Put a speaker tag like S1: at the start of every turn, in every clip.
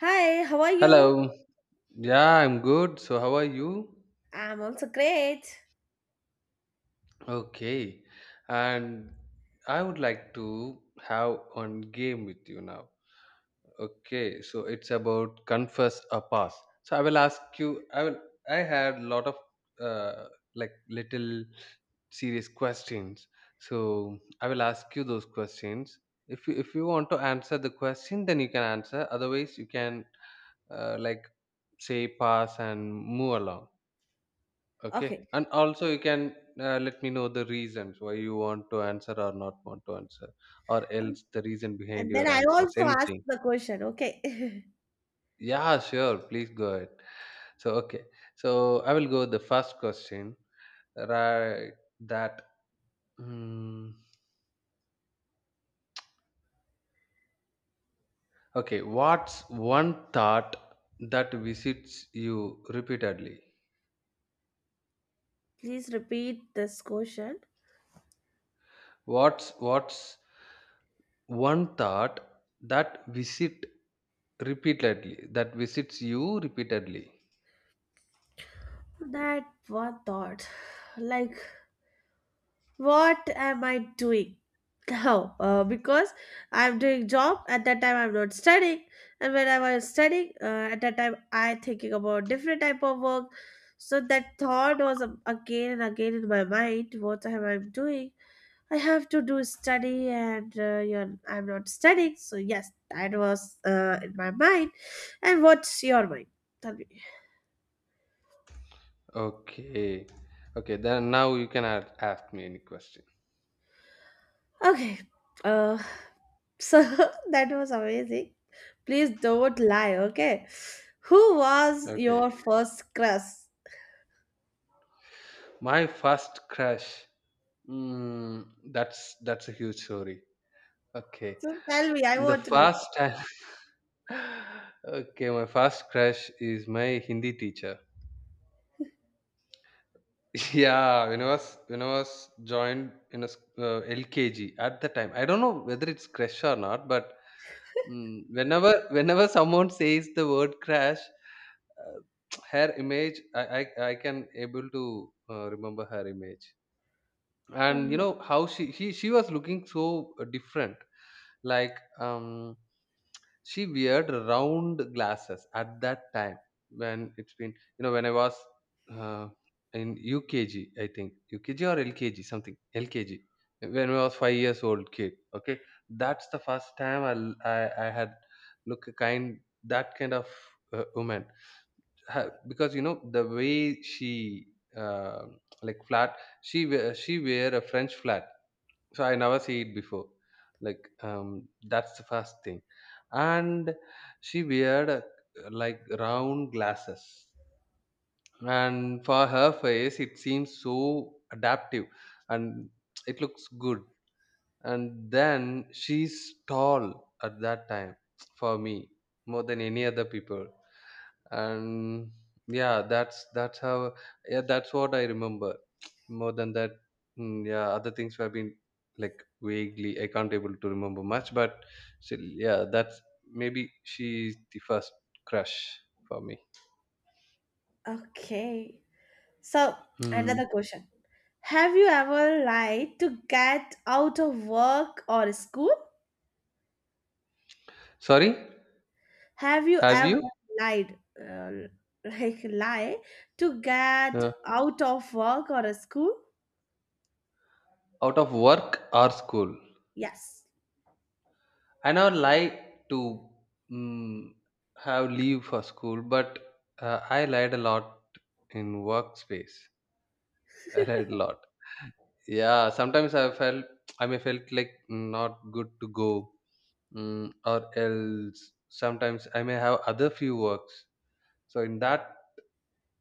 S1: Hi, how are you?
S2: Hello. Yeah, I'm good. So, how are you?
S1: I'm also great.
S2: Okay. And I would like to have one game with you now. Okay. So, it's about confess or pass. So, I will ask you. I will. I had a lot of uh, like little serious questions. So, I will ask you those questions. If you want to answer the question, then you can answer. Otherwise, you can uh, like say pass and move along. Okay.
S1: Okay.
S2: And also, you can let me know the reasons why you want to answer or not want to answer, or else the reason behind
S1: And then
S2: your
S1: I
S2: answers.
S1: also asked
S2: Anything.
S1: the question. Okay.
S2: Yeah, sure. Please go ahead. So, okay. So, I will go the first question. Right. That. mm, okay. What's one thought that visits you repeatedly?
S1: Please repeat this question.
S2: What's one thought that visit that visits you repeatedly?
S1: That what thought? Like, what am I doing? How? Because I'm doing job at that time. I'm not studying, and when I was studying, at that time I thinking about different type of work. So that thought was again and again in my mind. What am I doing? I have to do study and you I'm not studying. So, yes, that was in my mind. And what's your mind? Tell me.
S2: Okay. Okay, then now you can ask me any question.
S1: Okay. Uh, so, that was amazing. Please don't lie, okay? Who was
S2: Okay.
S1: your first crush?
S2: My first crush. Mm, that's a huge story. Okay.
S1: So, tell me. I
S2: The
S1: want to
S2: first
S1: listen.
S2: time Okay, my first crush is my Hindi teacher. Yeah, when I was joined in a LKG at the time. I don't know whether it's crush or not, but whenever someone says the word crash, uh, her image, I can able to remember her image. And you
S1: Oh,
S2: know how she was looking so different, like um she weared round glasses at that time, when it's been, you know, when I was uh, in UKG. I think UKG or LKG, something. LKG. When I was 5 years old kid. Okay, that's the first time I had look a kind that kind of woman, because you know the way she uh, flat, she wear a french flat, so I never see it before, that's the first thing. And she wear a, like, round glasses, and for her face it seems so adaptive, and it looks good. And then she's tall at that time, for me, more than any other people. And yeah, that's how. Yeah, that's what I remember. More than that, yeah, other things have been like vaguely, I can't able to remember much, but still, yeah, that's... maybe she's the first crush for me.
S1: okay. So,
S2: Hmm.
S1: another question. Have you ever lied to get out of work or school?
S2: Sorry,
S1: Have you
S2: have
S1: ever
S2: you
S1: lied, like lie, to get
S2: uh,
S1: out of work or a school?
S2: out of work or school?
S1: Yes.
S2: I now like to mm have leave for school, but I lied a lot in workspace. I read a lot. Yeah, sometimes I felt I may felt like not good to go, or else sometimes I may have other few works. So in that,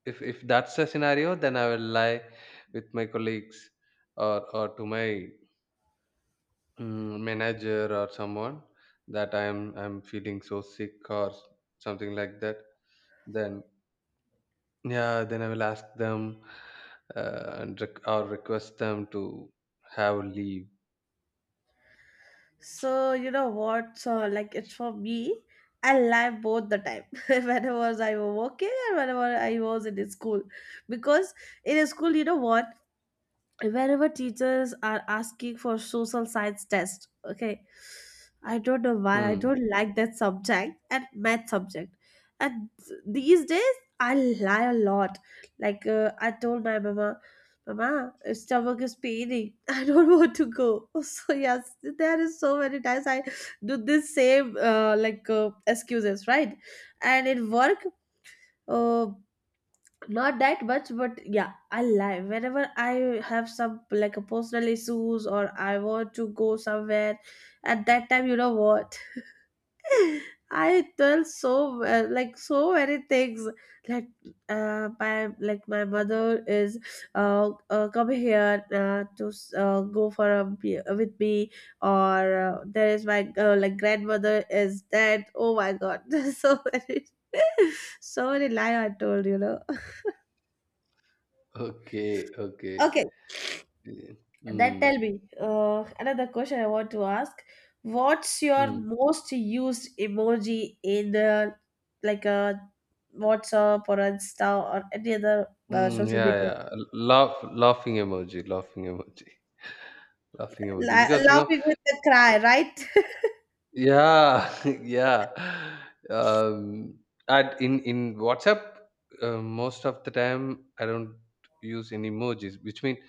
S2: if that's the scenario, then I will lie with my colleagues, or to my manager or someone, that I'm feeling so sick or something like that. Then yeah, then I will ask them and rec- or request them to have leave.
S1: So you know what? So like it's for me. I lie both the time. Whenever I was working and whenever I was in the school, because in a school, you know what? Wherever teachers are asking for social science test, okay, I don't know why. I
S2: Hmm.
S1: don't like that subject and math subject, and these days I lie a lot. Like, I told my mama, mama, stomach is paining. I don't want to go. So, yes, there is so many times I do this same, excuses, right? And in work, uh, not that much, but yeah, I lie whenever I have some like a personal issues or I want to go somewhere. At that time, you know what? I tell so, like, so many things. Like, my, like, my mother is come here, to go for with me. Or there is my, like, grandmother is dead, oh my god. So many. So many lie I told.
S2: Okay, okay.
S1: Okay.
S2: Yeah.
S1: Then
S2: Mm,
S1: tell me, another question I want to ask. What's your
S2: mm,
S1: most used emoji in the like a WhatsApp or Insta or any other social
S2: yeah,
S1: media?
S2: yeah. Laughing emoji, laughing emoji.
S1: La-
S2: Because you know,
S1: laughing with the cry, right?
S2: yeah, yeah. Um, and in WhatsApp, most of the time I don't use any emojis, which means,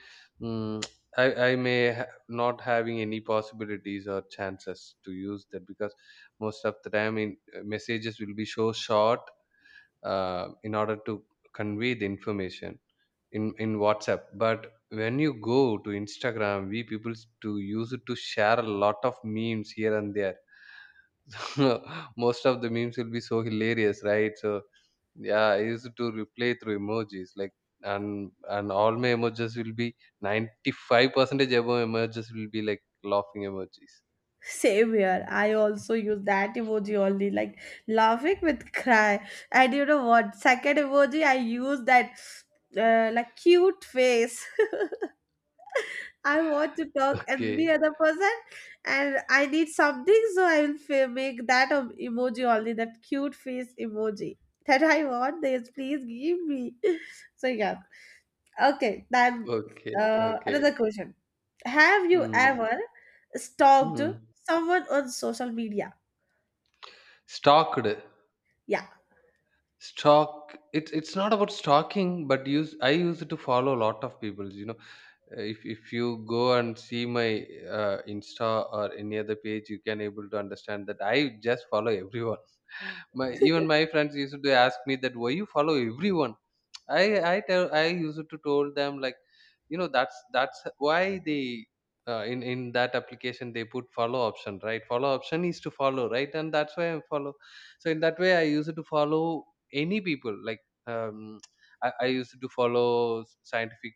S2: mm, I may ha not having any possibilities or chances to use that, because most of the time in messages will be so short, in order to convey the information in WhatsApp. But when you go to Instagram, we people to use it to share a lot of memes here and there. Most of the memes will be so hilarious, right? So yeah, I used to replay through emojis, like, and all my emojis will be 95 percentage above. Emojis will be like laughing emojis.
S1: Same here. I also use that emoji only, like laughing with cry. And you know what? Second emoji, I use that, like, cute face. I want to talk any
S2: Okay,
S1: other person, and I need something, so I will make that emoji only, that cute face emoji that I want. This, please give me. So yeah, okay. Then
S2: okay, okay.
S1: another question: have you
S2: Mm.
S1: ever stalked
S2: Mm.
S1: someone on social media?
S2: Stalked.
S1: Yeah.
S2: Stalk. It's not about stalking, but use I use it to follow a lot of people. You know, if you go and see my Insta or any other page, you can able to understand that I just follow everyone. my Even my friends used to ask me that why you follow everyone. I i tell i used to told them like, you know, that's why they, in that application, they put follow option, right? Follow option is to follow, right? And that's why I follow. So in that way, I used to follow any people, um I used to follow scientific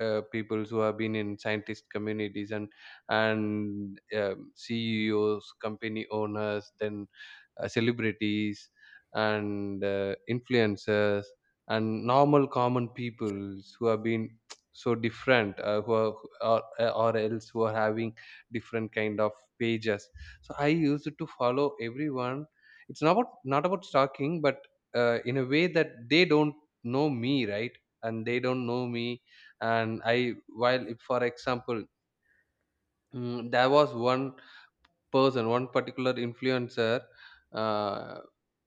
S2: people who have been in scientist communities, and CEOs, company owners, then celebrities, and influencers, and normal common peoples who have been so different, who are, or, or else who are having different kind of pages. So I used to follow everyone. It's not about stalking, but in a way that they don't know me, right? And they don't know me. And I while If for example, there was one person, one particular influencer, uh,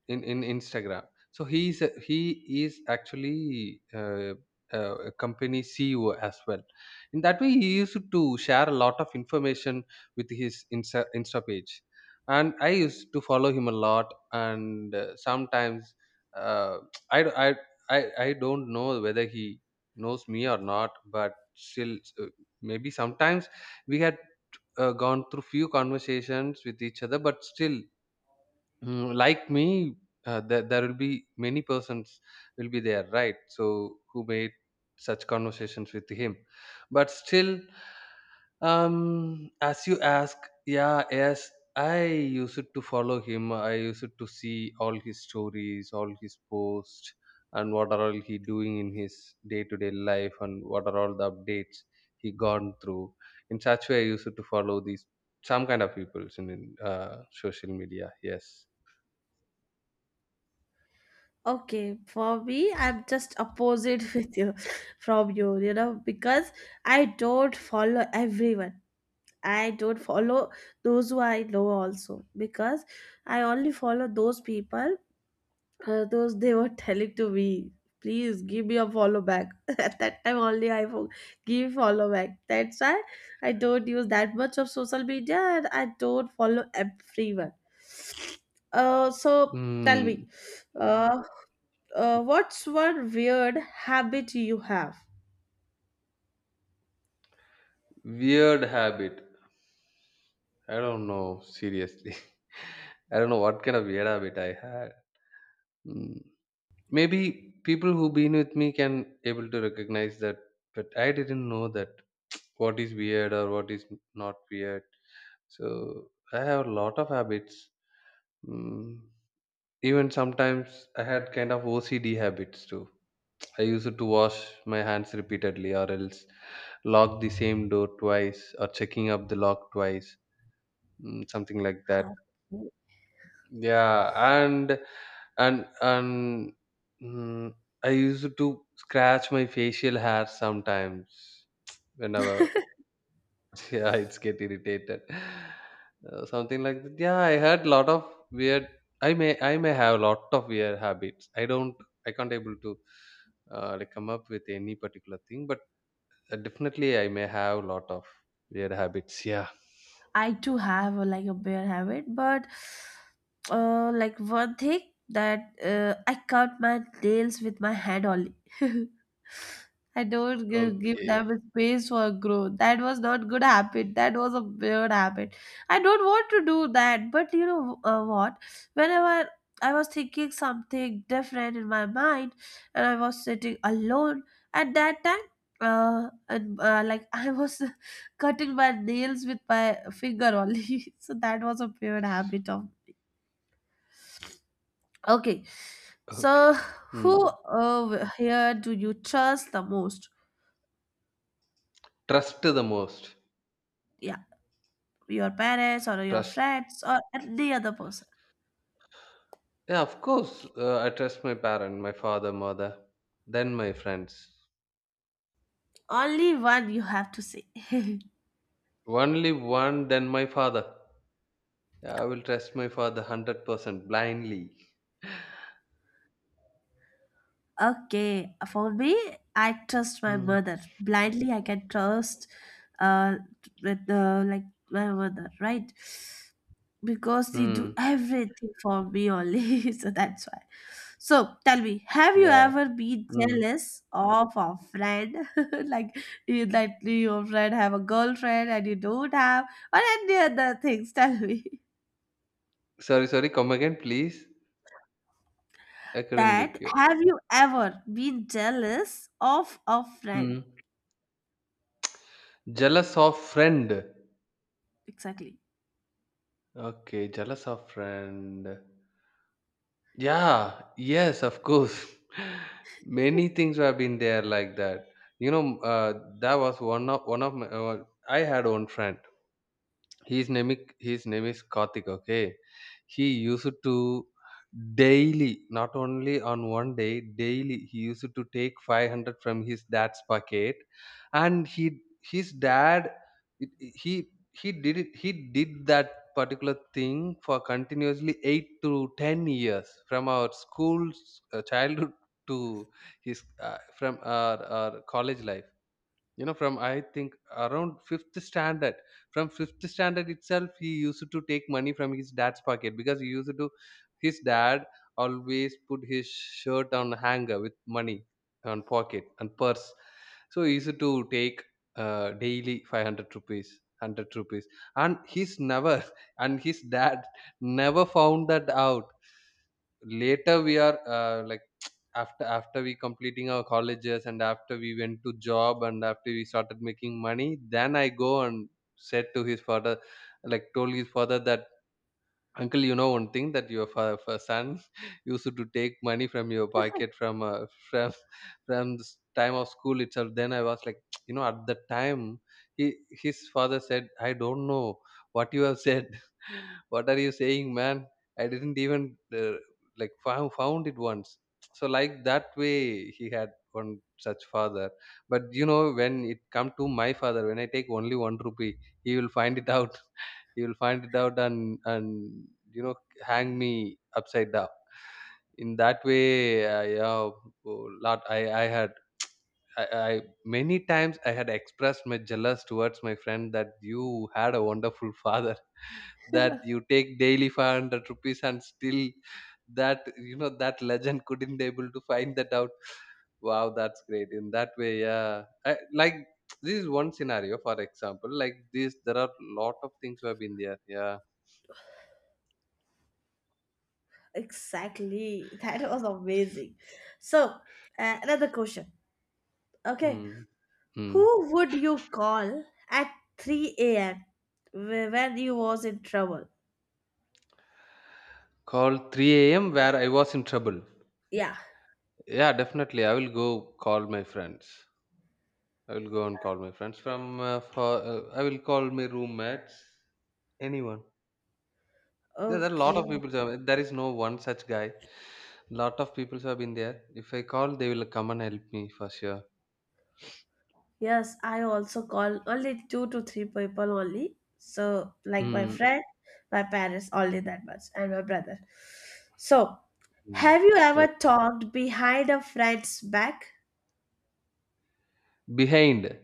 S2: in Instagram. So he is actually a company CEO as well. In that way, he used to share a lot of information with his Insta page, and I used to follow him a lot. And sometimes uh, I, d- I don't know whether he knows me or not, but still, maybe sometimes we had gone through few conversations with each other, but still. Like me, there will be many persons will be there, right? So who made such conversations with him, but still, as you ask, yeah, yes, I used to follow him. I used to see all his stories, all his posts, and what are all he doing in his day-to-day life, and what are all the updates he gone through. In such way, I used to follow these some kind of peoples in social media. Yes.
S1: Okay, for me, I'm just opposite with you from you, because I don't follow everyone. I don't follow those who I know also, because I only follow those people, those they were telling to me, please give me a follow back. At that time only I give follow back. That's why I don't use that much of social media and I don't follow everyone. So tell
S2: Mm,
S1: me, uh, what's one weird habit you have?
S2: Weird habit. I don't know, seriously. I don't know what kind of weird habit I had. Mm. Maybe people who been with me can able to recognize that, but I didn't know that what is weird or what is not weird. So I have a lot of habits. Mm. Even sometimes I had kind of OCD habits too. I used to wash my hands repeatedly, or else lock the same door twice, or checking up the lock twice, something like
S1: Huh.
S2: that. Yeah. And and and mm, I used to scratch my facial hair sometimes, whenever yeah, it's get irritated. Something like that. Yeah, I had lot of weird... I may have lot of weird habits. I can't able to come up with any particular thing, but definitely, I may have lot of weird habits. Yeah.
S1: I too have, like, a bad habit, but, like, one thing that, I cut my nails with my hand only. I don't give
S2: Okay,
S1: them a space for growth. That was not good habit. That was a weird habit. I don't want to do that. But you know, what? Whenever I was thinking something different in my mind, and I was sitting alone at that time, and like I was cutting my nails with my finger only. So that was a weird habit of. Okay,
S2: okay.
S1: so who,
S2: Hmm.
S1: here do you trust the most?
S2: Trust the most.
S1: Yeah, your parents or your
S2: Trust.
S1: friends or any other person.
S2: Yeah, of course. I trust my parent, my father, mother, then my friends.
S1: Only one you have to say.
S2: Only one, then my father. Yeah, I will trust my father 100% blindly.
S1: Okay, for me, I trust my
S2: Mm.
S1: mother. Blindly, I can trust, uh with the like my mother, right? Because they do
S2: Hmm.
S1: everything for me only, so that's why. So tell me, have you
S2: Yeah.
S1: ever been
S2: Hmm.
S1: jealous of a friend? Like you, that your friend have a girlfriend and you don't have, or any other things? Tell me.
S2: Sorry, sorry. Come again, please. I couldn't
S1: That,
S2: get you.
S1: have you ever been jealous of a friend?
S2: Hmm. Jealous of friend.
S1: Exactly.
S2: Okay, jealous of friend. Yeah, yes, of course. Many things have been there like that. You know, that was one of my... I had one friend. his name is, his name is Karthik, okay? He used to daily, not only on one day, daily he used to take 500 from his dad's pocket. And he his dad, it- it- he he did it, he did that particular thing for continuously 8 to 10 years, from our school's childhood, to his, from our college life. You know, from I think around fifth standard, from fifth standard itself, he used to take money from his dad's pocket, because he used to, his dad always put his shirt on hanger with money on pocket and purse. So he used to take daily 500 rupees, 100 rupees, and he's never and his dad never found that out. Later we are after we completing our colleges, and after we went to job, and after we started making money, then I go and said to his father, like, told his father that, "Uncle, you know one thing, that your son used to take money from your pocket, from from the time of school itself." Then I was like you know, at the time, he his father said, "I don't know what you have said. What are you saying, man? I didn't even uh, found it once." So like that way, he had one such father. But you know, when it come to my father, when I take only one rupee, he will find it out. And you know, hang me upside down. In that way, yeah. Oh, lot, I many times I had expressed my jealous towards my friend that you had a wonderful father that you take daily 500 rupees and still that you know that legend couldn't able to find that out. Wow, that's great. In that way, yeah I, like this is one scenario, for example. Like this there are lot of things who have been there, yeah.
S1: Exactly. That was amazing. So, another question. Okay.
S2: Mm. Mm.
S1: Who would you call at 3 a.m. When you was in trouble?
S2: Call 3 a.m. where I was in trouble.
S1: Yeah.
S2: Yeah, definitely. I will go call my friends. I will go and call my friends from. I will call my roommates. Anyone. There are a lot of
S1: Okay.
S2: people. There is no one such guy. Lot of people have been there. If I call, they will come and help me for sure.
S1: Yes, I also call only two to three people only. So, like, my
S2: Mm.
S1: friend, my parents, only that much, and my brother. So,
S2: Mm.
S1: have you ever
S2: Okay.
S1: talked behind a friend's back?
S2: Behind.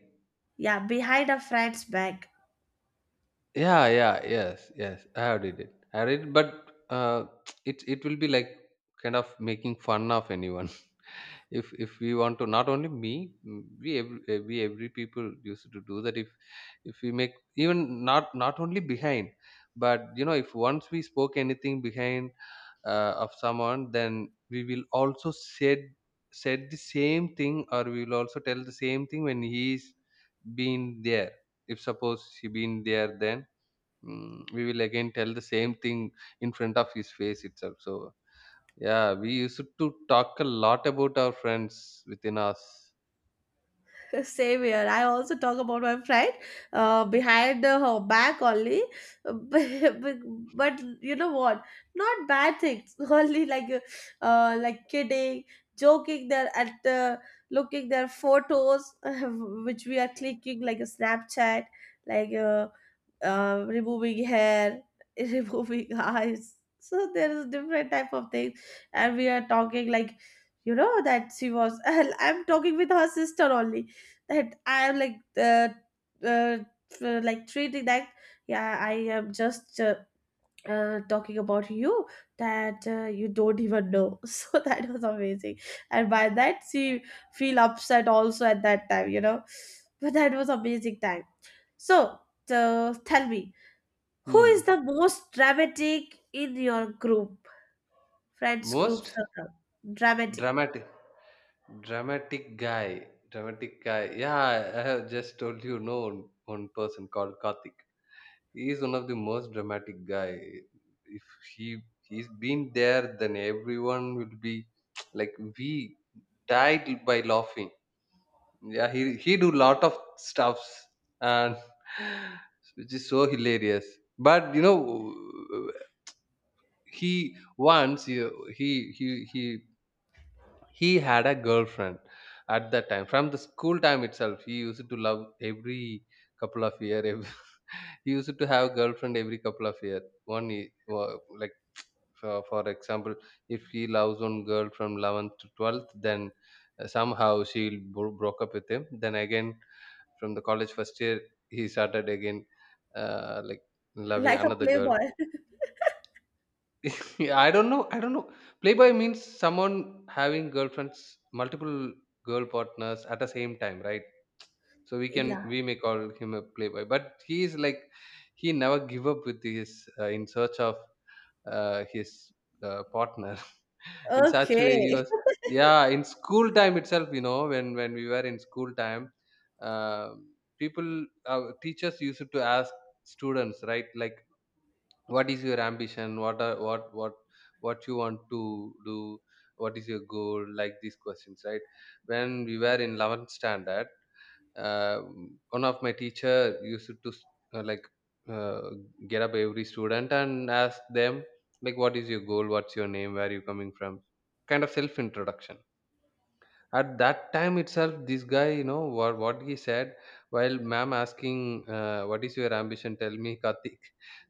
S1: Yeah, behind a friend's back.
S2: Yeah, yes. I have did it. I read, but it will be like kind of making fun of anyone. If we want to, not only me, we every people used to do that. If we make, even not only behind, but you know, if once we spoke anything behind of someone, then we will also said said the same thing, or we will also tell the same thing when he's been there. If suppose he been there, then we will again tell the same thing in front of his face itself. So yeah, we used to talk a lot about our friends within us.
S1: Same here. I also talk about my friend, behind her back only, but, but you know what? Not bad things. Only like, kidding, joking. There at, looking their photos, which we are clicking like a Snapchat, like, removing hair, removing eyes. So there is different type of things, and we are talking like, that she was. I'm talking with her sister only. That I am uh, like treating that. Yeah, I am just. Talking about you that, you don't even know so that was amazing. And by that she feel upset also at that time, but that was amazing time. So, tell me, who is
S2: Hmm.
S1: the most dramatic in your group, friends group
S2: Most
S1: circle? Dramatic.
S2: dramatic, dramatic guy. Yeah, I have just told you, no, one person called Karthik. He is one of the most dramatic guy. If he he's been there, then everyone will be like we died by laughing. Yeah, he do lot of stuffs and which is so hilarious. But you know, he once you- he had a girlfriend at that time. From the school time itself, he used to love every couple of year. Every, he used to have girlfriend every couple of year. Like for example, if he loves one girl from 11th to 12th, then somehow she broke up with him, then again from the college first year he started again, like loving
S1: Like a
S2: another girl.
S1: playboy.
S2: Yeah, I don't know. I don't know. Playboy means someone having girlfriends, multiple girl partners at the same time, right? So we can
S1: Yeah.
S2: we may call him a playboy, but he is like he never give up with his in search of his partner. In such
S1: Okay.
S2: way, he was, yeah. In school time itself, you know, when we were in school time, uh, people, teachers used to ask students, right? Like what is your ambition, what what you want to do, what is your goal, like these questions, right? When we were in 11th standard, uh, one of my teacher used to uh, like uh, get up every student and ask them like, what is your goal, what's your name, where are you coming from, kind of self introduction. At that time itself, this guy, you know what he said? While ma'am asking, what is your ambition, tell me Karthik.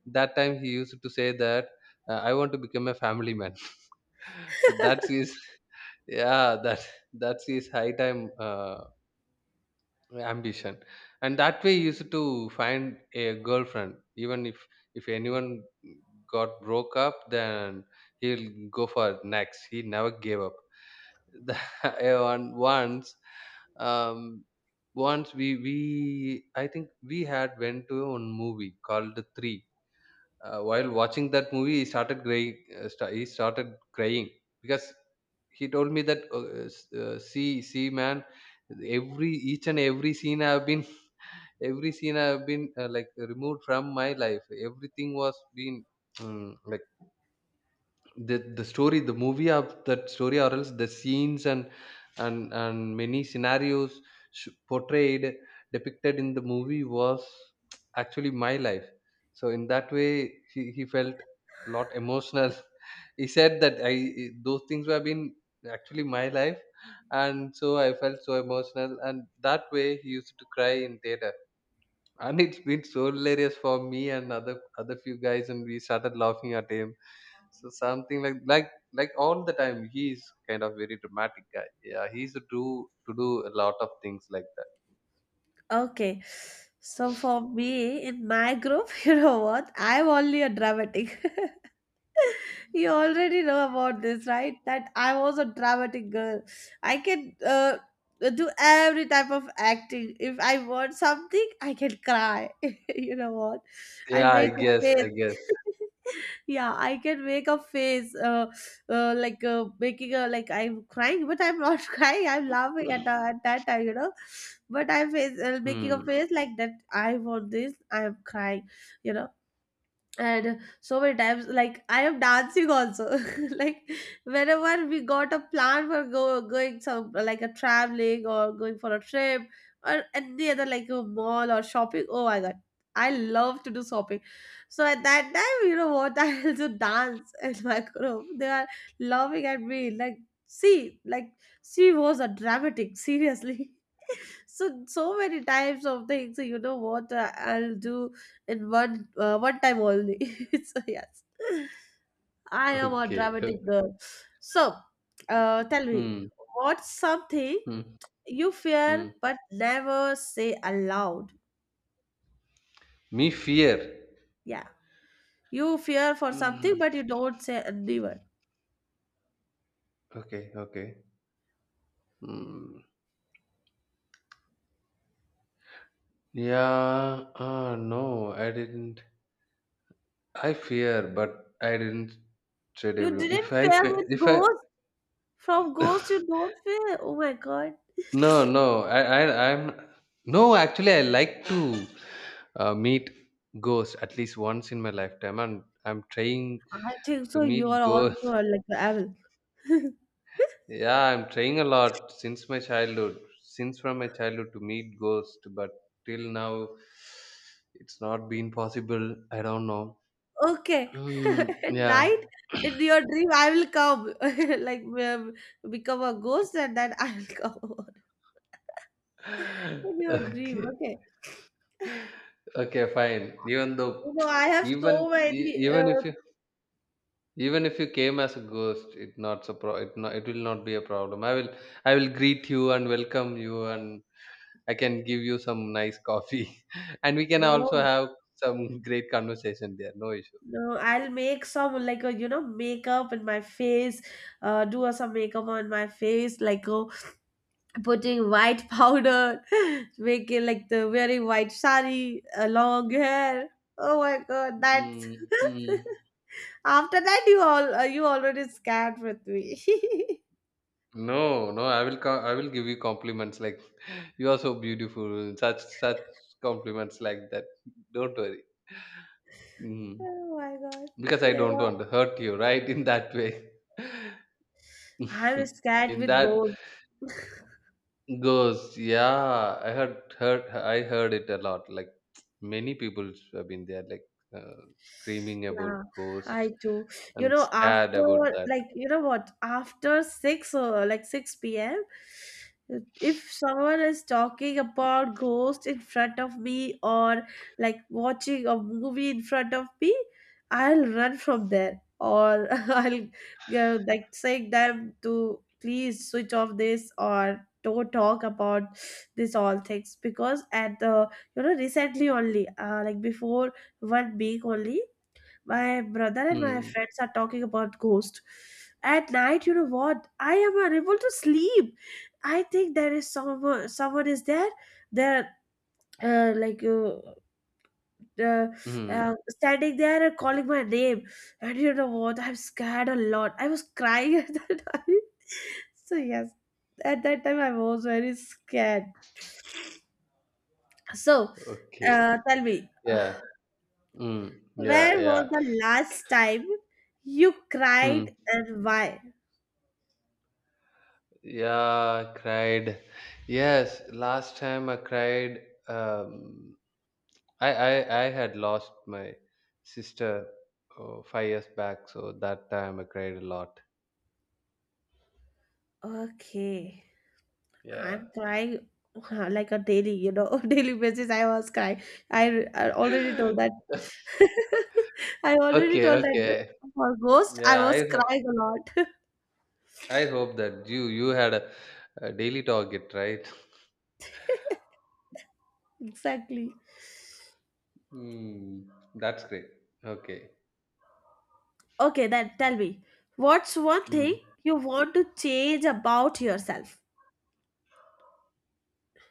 S2: That time he used to say that, I want to become a family man. So that's his yeah, that that's his high time uh, ambition. And that way he used to find a girlfriend. Even if anyone got broke up, then he'll go for next. He never gave up. The, and once um once we I think we had went to one movie called The Three. While watching that movie, he started crying. He started crying because he told me that, see, see man, every each and every scene I have been every scene I have been, like, removed from my life. Everything was been like, the story the movie of that story or else the scenes and and many scenarios portrayed, depicted in the movie was actually my life. So in that way, he felt a lot emotional. He said that, I, those things have been actually my life, and so I felt so emotional. And that way he used to cry in theater, and it's been so hilarious for me and other, other few guys, and we started laughing at him. So something like like all the time he's kind of very dramatic guy. Yeah, he's to do a lot of things like that.
S1: Okay. So for me, in my group, you know what? I'm only a dramatic. You already know about this, right? That I was a dramatic girl. I can, do every type of acting. If I want something, I can cry. You know what? I
S2: Yeah,
S1: make
S2: i
S1: a
S2: guess
S1: face.
S2: i guess
S1: Yeah, I can make a face, like, making a like I'm crying, but I'm not crying. I'm laughing at that time. But I'm face, making a
S2: Hmm.
S1: face like that. I want this. I'm crying, you know and so many times, like, I am dancing also. Like, whenever we got a plan for go going some like a traveling or going for a trip or any other like a mall or shopping, oh my god, I love to do shopping. So at that time, you know what? I also dance. In my group they are laughing at me like, see, like, she was a dramatic, seriously. So, so many types of things. So, you know what, I'll do in one time only. So, yes, I am a
S2: Okay,
S1: dramatic
S2: okay.
S1: girl. So, tell me,
S2: Hmm.
S1: what's something
S2: Hmm.
S1: you fear
S2: Hmm.
S1: but never say aloud?
S2: Me fear.
S1: Yeah, you fear for something
S2: Hmm.
S1: but you don't say anyone.
S2: Okay, okay. Hmm. Yeah, no, I didn't. I fear, but I didn't said
S1: You
S2: everyone. if
S1: didn't
S2: i
S1: fear
S2: fe-
S1: with
S2: if i
S1: ghosts? From ghosts you don't fear? Oh my god.
S2: No, no. I'm no. Actually, I like to meet ghosts at least once in my lifetime, and I'm trying
S1: I think so
S2: to
S1: you
S2: meet
S1: are also,
S2: ghosts.
S1: like, a evil.
S2: Yeah, I'm trying a lot since my childhood, since from my childhood to meet ghosts, but till now it's not been possible. I don't know.
S1: Okay.
S2: Hmm,
S1: At
S2: yeah.
S1: night, in your dream, I will come. Like, become a ghost and then I will come over. In your dream,
S2: Okay.
S1: okay.
S2: Okay. Fine. Even
S1: You
S2: though,
S1: know, I have
S2: even
S1: so
S2: e-
S1: many.
S2: even if you Even if you came as a ghost, it not it will not be a problem. I will greet you and welcome you, and I can give you some nice coffee, and we can also
S1: No,
S2: have some great conversation there. No issue.
S1: no, I'll make some, like, makeup in my face, do some makeup on my face, like, putting white powder, making like the very white sari, long hair. Oh my god, that.
S2: Mm, mm.
S1: After that, you already scared with me.
S2: No, no, I will give you compliments like, you are so beautiful, such such compliments like that. Don't worry. Mm.
S1: Oh my god!
S2: Because I
S1: Yeah,
S2: don't
S1: yeah.
S2: want to hurt you, right? In that way.
S1: I was scared
S2: In
S1: with
S2: that
S1: gold.
S2: ghosts, yeah, I heard it a lot. Like many people have been there, like screaming about
S1: Yeah,
S2: ghosts
S1: I do. You
S2: and
S1: know,
S2: scared
S1: after,
S2: about that.
S1: like, you know what, after six or like 6 p.m., if someone is talking about ghost in front of me or like watching a movie in front of me, I'll run from there or I'll go like saying them to please switch off this or don't talk about this all things, because at the, recently only, like, before one week only my brother and my
S2: Mm,
S1: friends are talking about ghost at night. You know what? I am unable to sleep. I think there is Someone is there, like, uh,
S2: mm,
S1: standing there and calling my name. And you know what? I'm scared a lot. I was crying at that time. So, yes, at that time I was very scared. So,
S2: okay,
S1: tell me,
S2: yeah, mm, yeah,
S1: where was
S2: yeah.
S1: the last time you
S2: Hmm.
S1: cried and why?
S2: Yeah. I cried. Yes, last time I cried. Um, I had lost my sister, oh, 5 years back, so that time I cried a lot.
S1: Okay,
S2: Yeah.
S1: I'm crying like a daily, daily basis. I was crying. I, I already told that. I already
S2: Okay,
S1: told that
S2: okay.
S1: for Ghost, I
S2: Yeah,
S1: was crying a lot.
S2: I hope that you had a daily target, right?
S1: Exactly.
S2: Hmm. That's great. Okay.
S1: Okay, then tell me, what's one thing
S2: Mm.
S1: you want to change about yourself?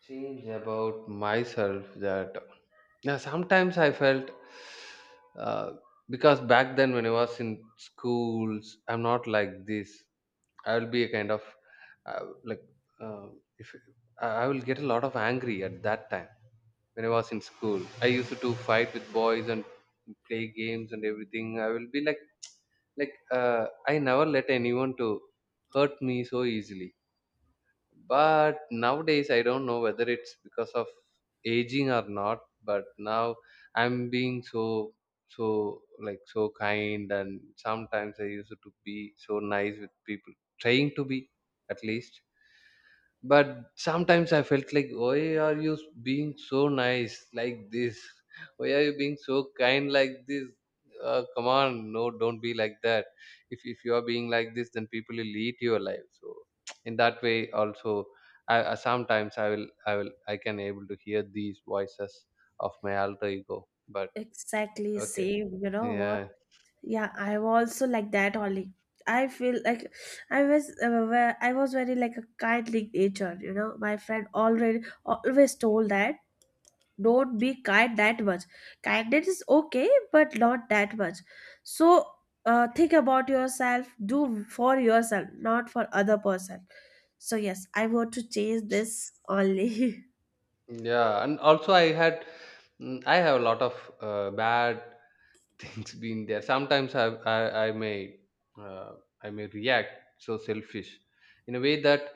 S2: Change about myself, that yeah, sometimes I felt, uh, because back then when I was in schools, I'm not like this. I will be a kind of uh, like uh, if I, I will get a lot of angry at that time when I was in school. I used to fight with boys and play games and everything. I will be like like, I never let anyone to hurt me so easily. But nowadays I don't know whether it's because of aging or not. But now I'm being so, so like so kind, and sometimes I used to be so nice with people, trying to be, at least. But sometimes I felt like, why are you being so nice like this, why are you being so kind like this? Come on, no, don't be like that. If you are being like this, then people will eat your life. So in that way also, I sometimes I will I can able to hear these voices of my alter ego, but
S1: Exactly,
S2: okay,
S1: same. You know what?
S2: yeah,
S1: Yeah, I was also like that only. I feel like I was, I was very like a kindly nature, My friend already always told that don't be kind that much. Kindness is okay, but not that much. So think about yourself, do for yourself, not for other person. So yes, I want to change this only.
S2: yeah, and also I had, I have a lot of bad things being there. Sometimes I may uh, I may react so selfish in a way that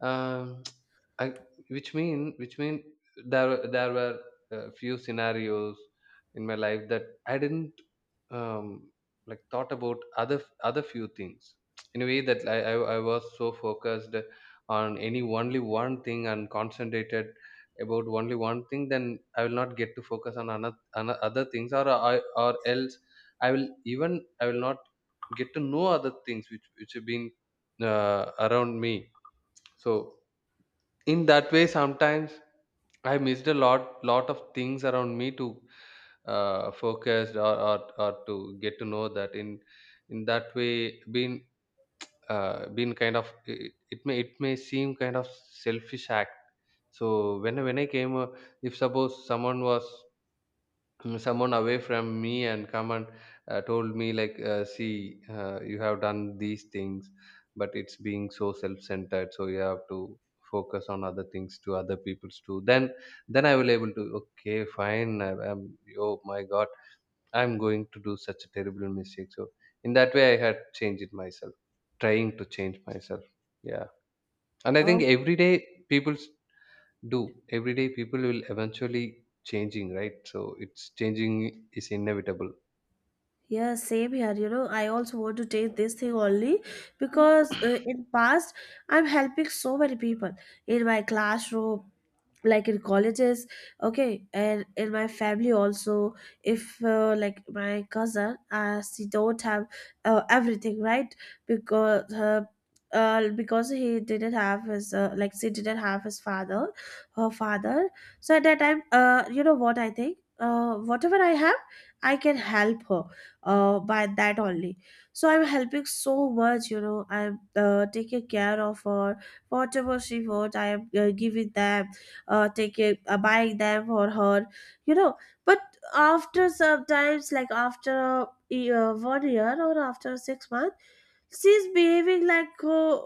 S2: um I, which mean there were a few scenarios in my life that I didn't um like thought about other, other few things. In a way that I was so focused on any only one thing and concentrated about only one thing, then I will not get to focus on another, other things, or or else I will, even I will not get to know other things which have been around me. So in that way, sometimes I missed a lot, lot of things around me to focus or to get to know that. In that way, being been kind of, it, it may seem kind of selfish act. So when I came, if suppose someone was, someone away from me and come and told me like, see, you have done these things, but it's being so self-centered, so you have to focus on other things to other people's too, then I will able to, okay, fine, I'm, oh my god, I'm going to do such a terrible mistake. So in that way, I had changed it myself, trying to change myself. Yeah, and I think
S1: Oh.
S2: every day people do. Every day people will eventually changing, right? So it's, changing is inevitable.
S1: Yeah, same here. You know, I also want to take this thing only because in past I'm helping so many people in my classroom, like in colleges, okay, and in my family also. If like my cousin, she don't have everything right because her, because he didn't have his, like she didn't have his father, her father. So at that time, you know what, I think whatever I have, I can help her by that only. So I'm helping so much, you know. I'm taking care of her, whatever she wants. I am giving them, buying them for her, you know. But after sometimes, like after a year, 1 year, or after 6 months, she's behaving like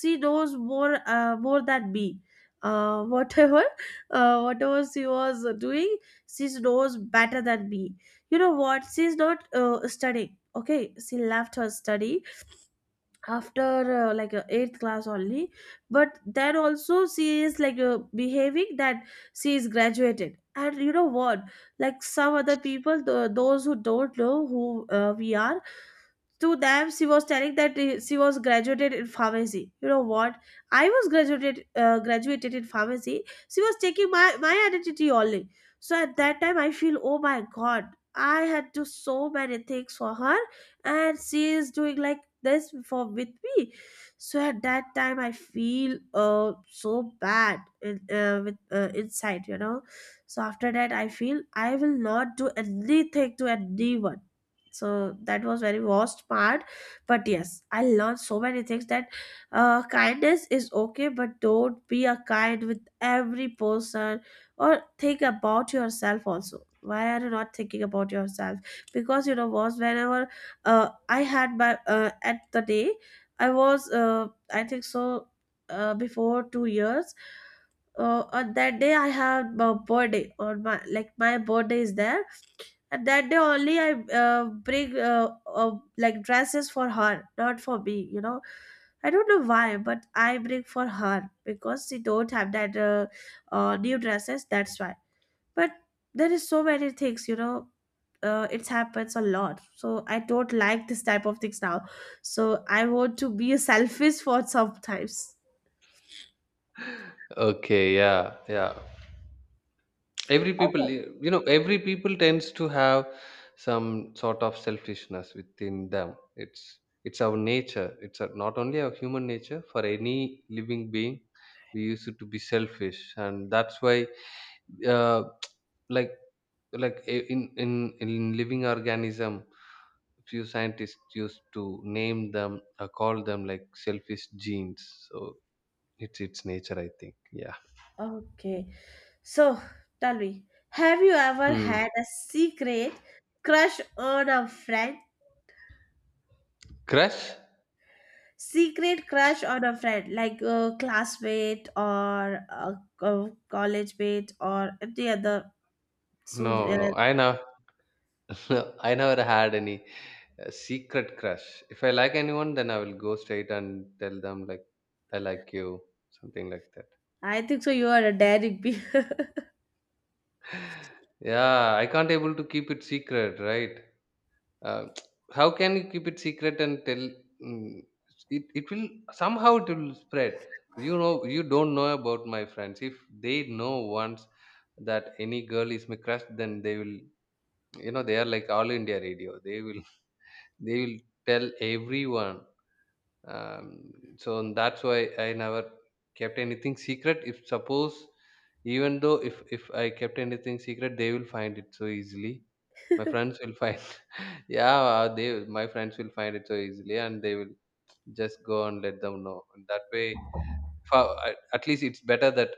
S1: she knows more, more than me, whatever whatever she was doing, she knows better than me. You know what, she's not studying. Okay, she left her study after eighth class only. But then also she is like behaving that she is graduated. And you know what, like some other people, those who don't know who we are, to them she was telling that she was graduated in pharmacy. You know what, I was graduated, graduated in pharmacy. She was taking my identity only. So at that time I feel, oh my god, I had to so many things for her, and she is doing like this for with me. So at that time I feel, uh, so bad in, with inside, you know. So after that I feel I will not do anything to anyone. So that was very worst part. But yes, I learned so many things, that kindness is okay, but don't be a kind with every person. Or think about yourself also, why are you not thinking about yourself? Because you know, was whenever I had my, at the day I was I think so, before 2 years, on that day I have my birthday, on my, like my birthday is there, and that day only I bring like dresses for her, not for me. You know, I don't know why, but I bring for her because she don't have that new dresses. That's why. But there is so many things, you know. It happens a lot, so I don't like this type of things now. So I want to be a selfish for sometimes.
S2: Okay, yeah, yeah. Every people,
S1: Okay.
S2: you know, every people tends to have some sort of selfishness within them. It's our nature. It's a, not only our human nature. For any living being, we used to be selfish, and that's why, uh, like, like in living organism, few scientists used to name them, call them like selfish genes. So it's its nature, I think. Yeah.
S1: Okay. So tell me, have you ever
S2: Hmm.
S1: had a secret crush on a friend?
S2: Crush?
S1: Secret crush on a friend, like a classmate or a, college mate or any other? So
S2: No, no. I know. I never had any secret crush. If I like anyone, then I will go straight and tell them like, I like you, something like that.
S1: I think so you are a daring bee.
S2: Yeah, I can't able to keep it secret, right? Uh, how can you keep it secret and tell? Mm, it will somehow, it will spread. You know, you don't know about my friends. If they know once that any girl is my crush, then they will. You know, they are like All India Radio. They will they will tell everyone. So that's why I never kept anything secret. If suppose, even though, if I kept anything secret, they will find it so easily. My friends will find, yeah, they, my friends will find it so easily, and they will just go and let them know. And that way, for, at least it's better that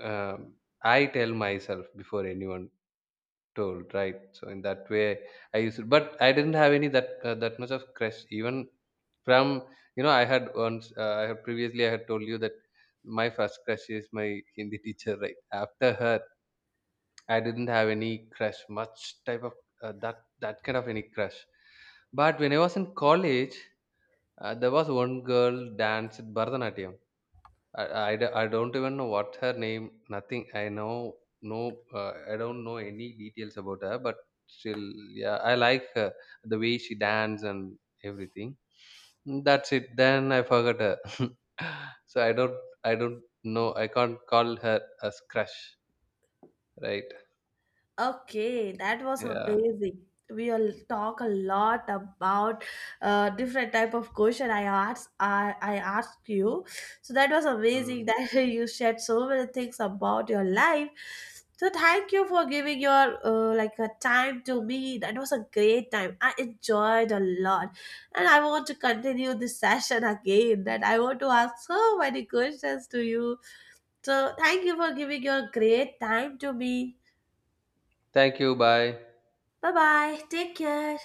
S2: um, I tell myself before anyone told, right? So in that way, I used it, but I didn't have any that that much of crush. Even from, you know, I had once, I had previously I had told you that my first crush is my Hindi teacher, right? After her, I didn't have any crush, much type of that, that kind of any crush. But when I was in college, there was one girl danced Bharatanatyam. I, I don't even know what her name. Nothing. I know no. I don't know any details about her, but still, yeah, I like her the way she dance and everything. Mm. That's it. Then I forgot her, so I don't. I don't know. I can't call her as crush, right?
S1: Okay, that was
S2: Yeah.
S1: amazing. We'll talk a lot about different type of question I asked. I asked you. So that was amazing
S2: Mm.
S1: that you shared so many things about your life. So thank you for giving your like a time to me. That was a great time. I enjoyed a lot, and I want to continue this session again. That I want to ask so many questions to you. So thank you for giving your great time to me.
S2: Thank you. Bye.
S1: Bye bye. Take care.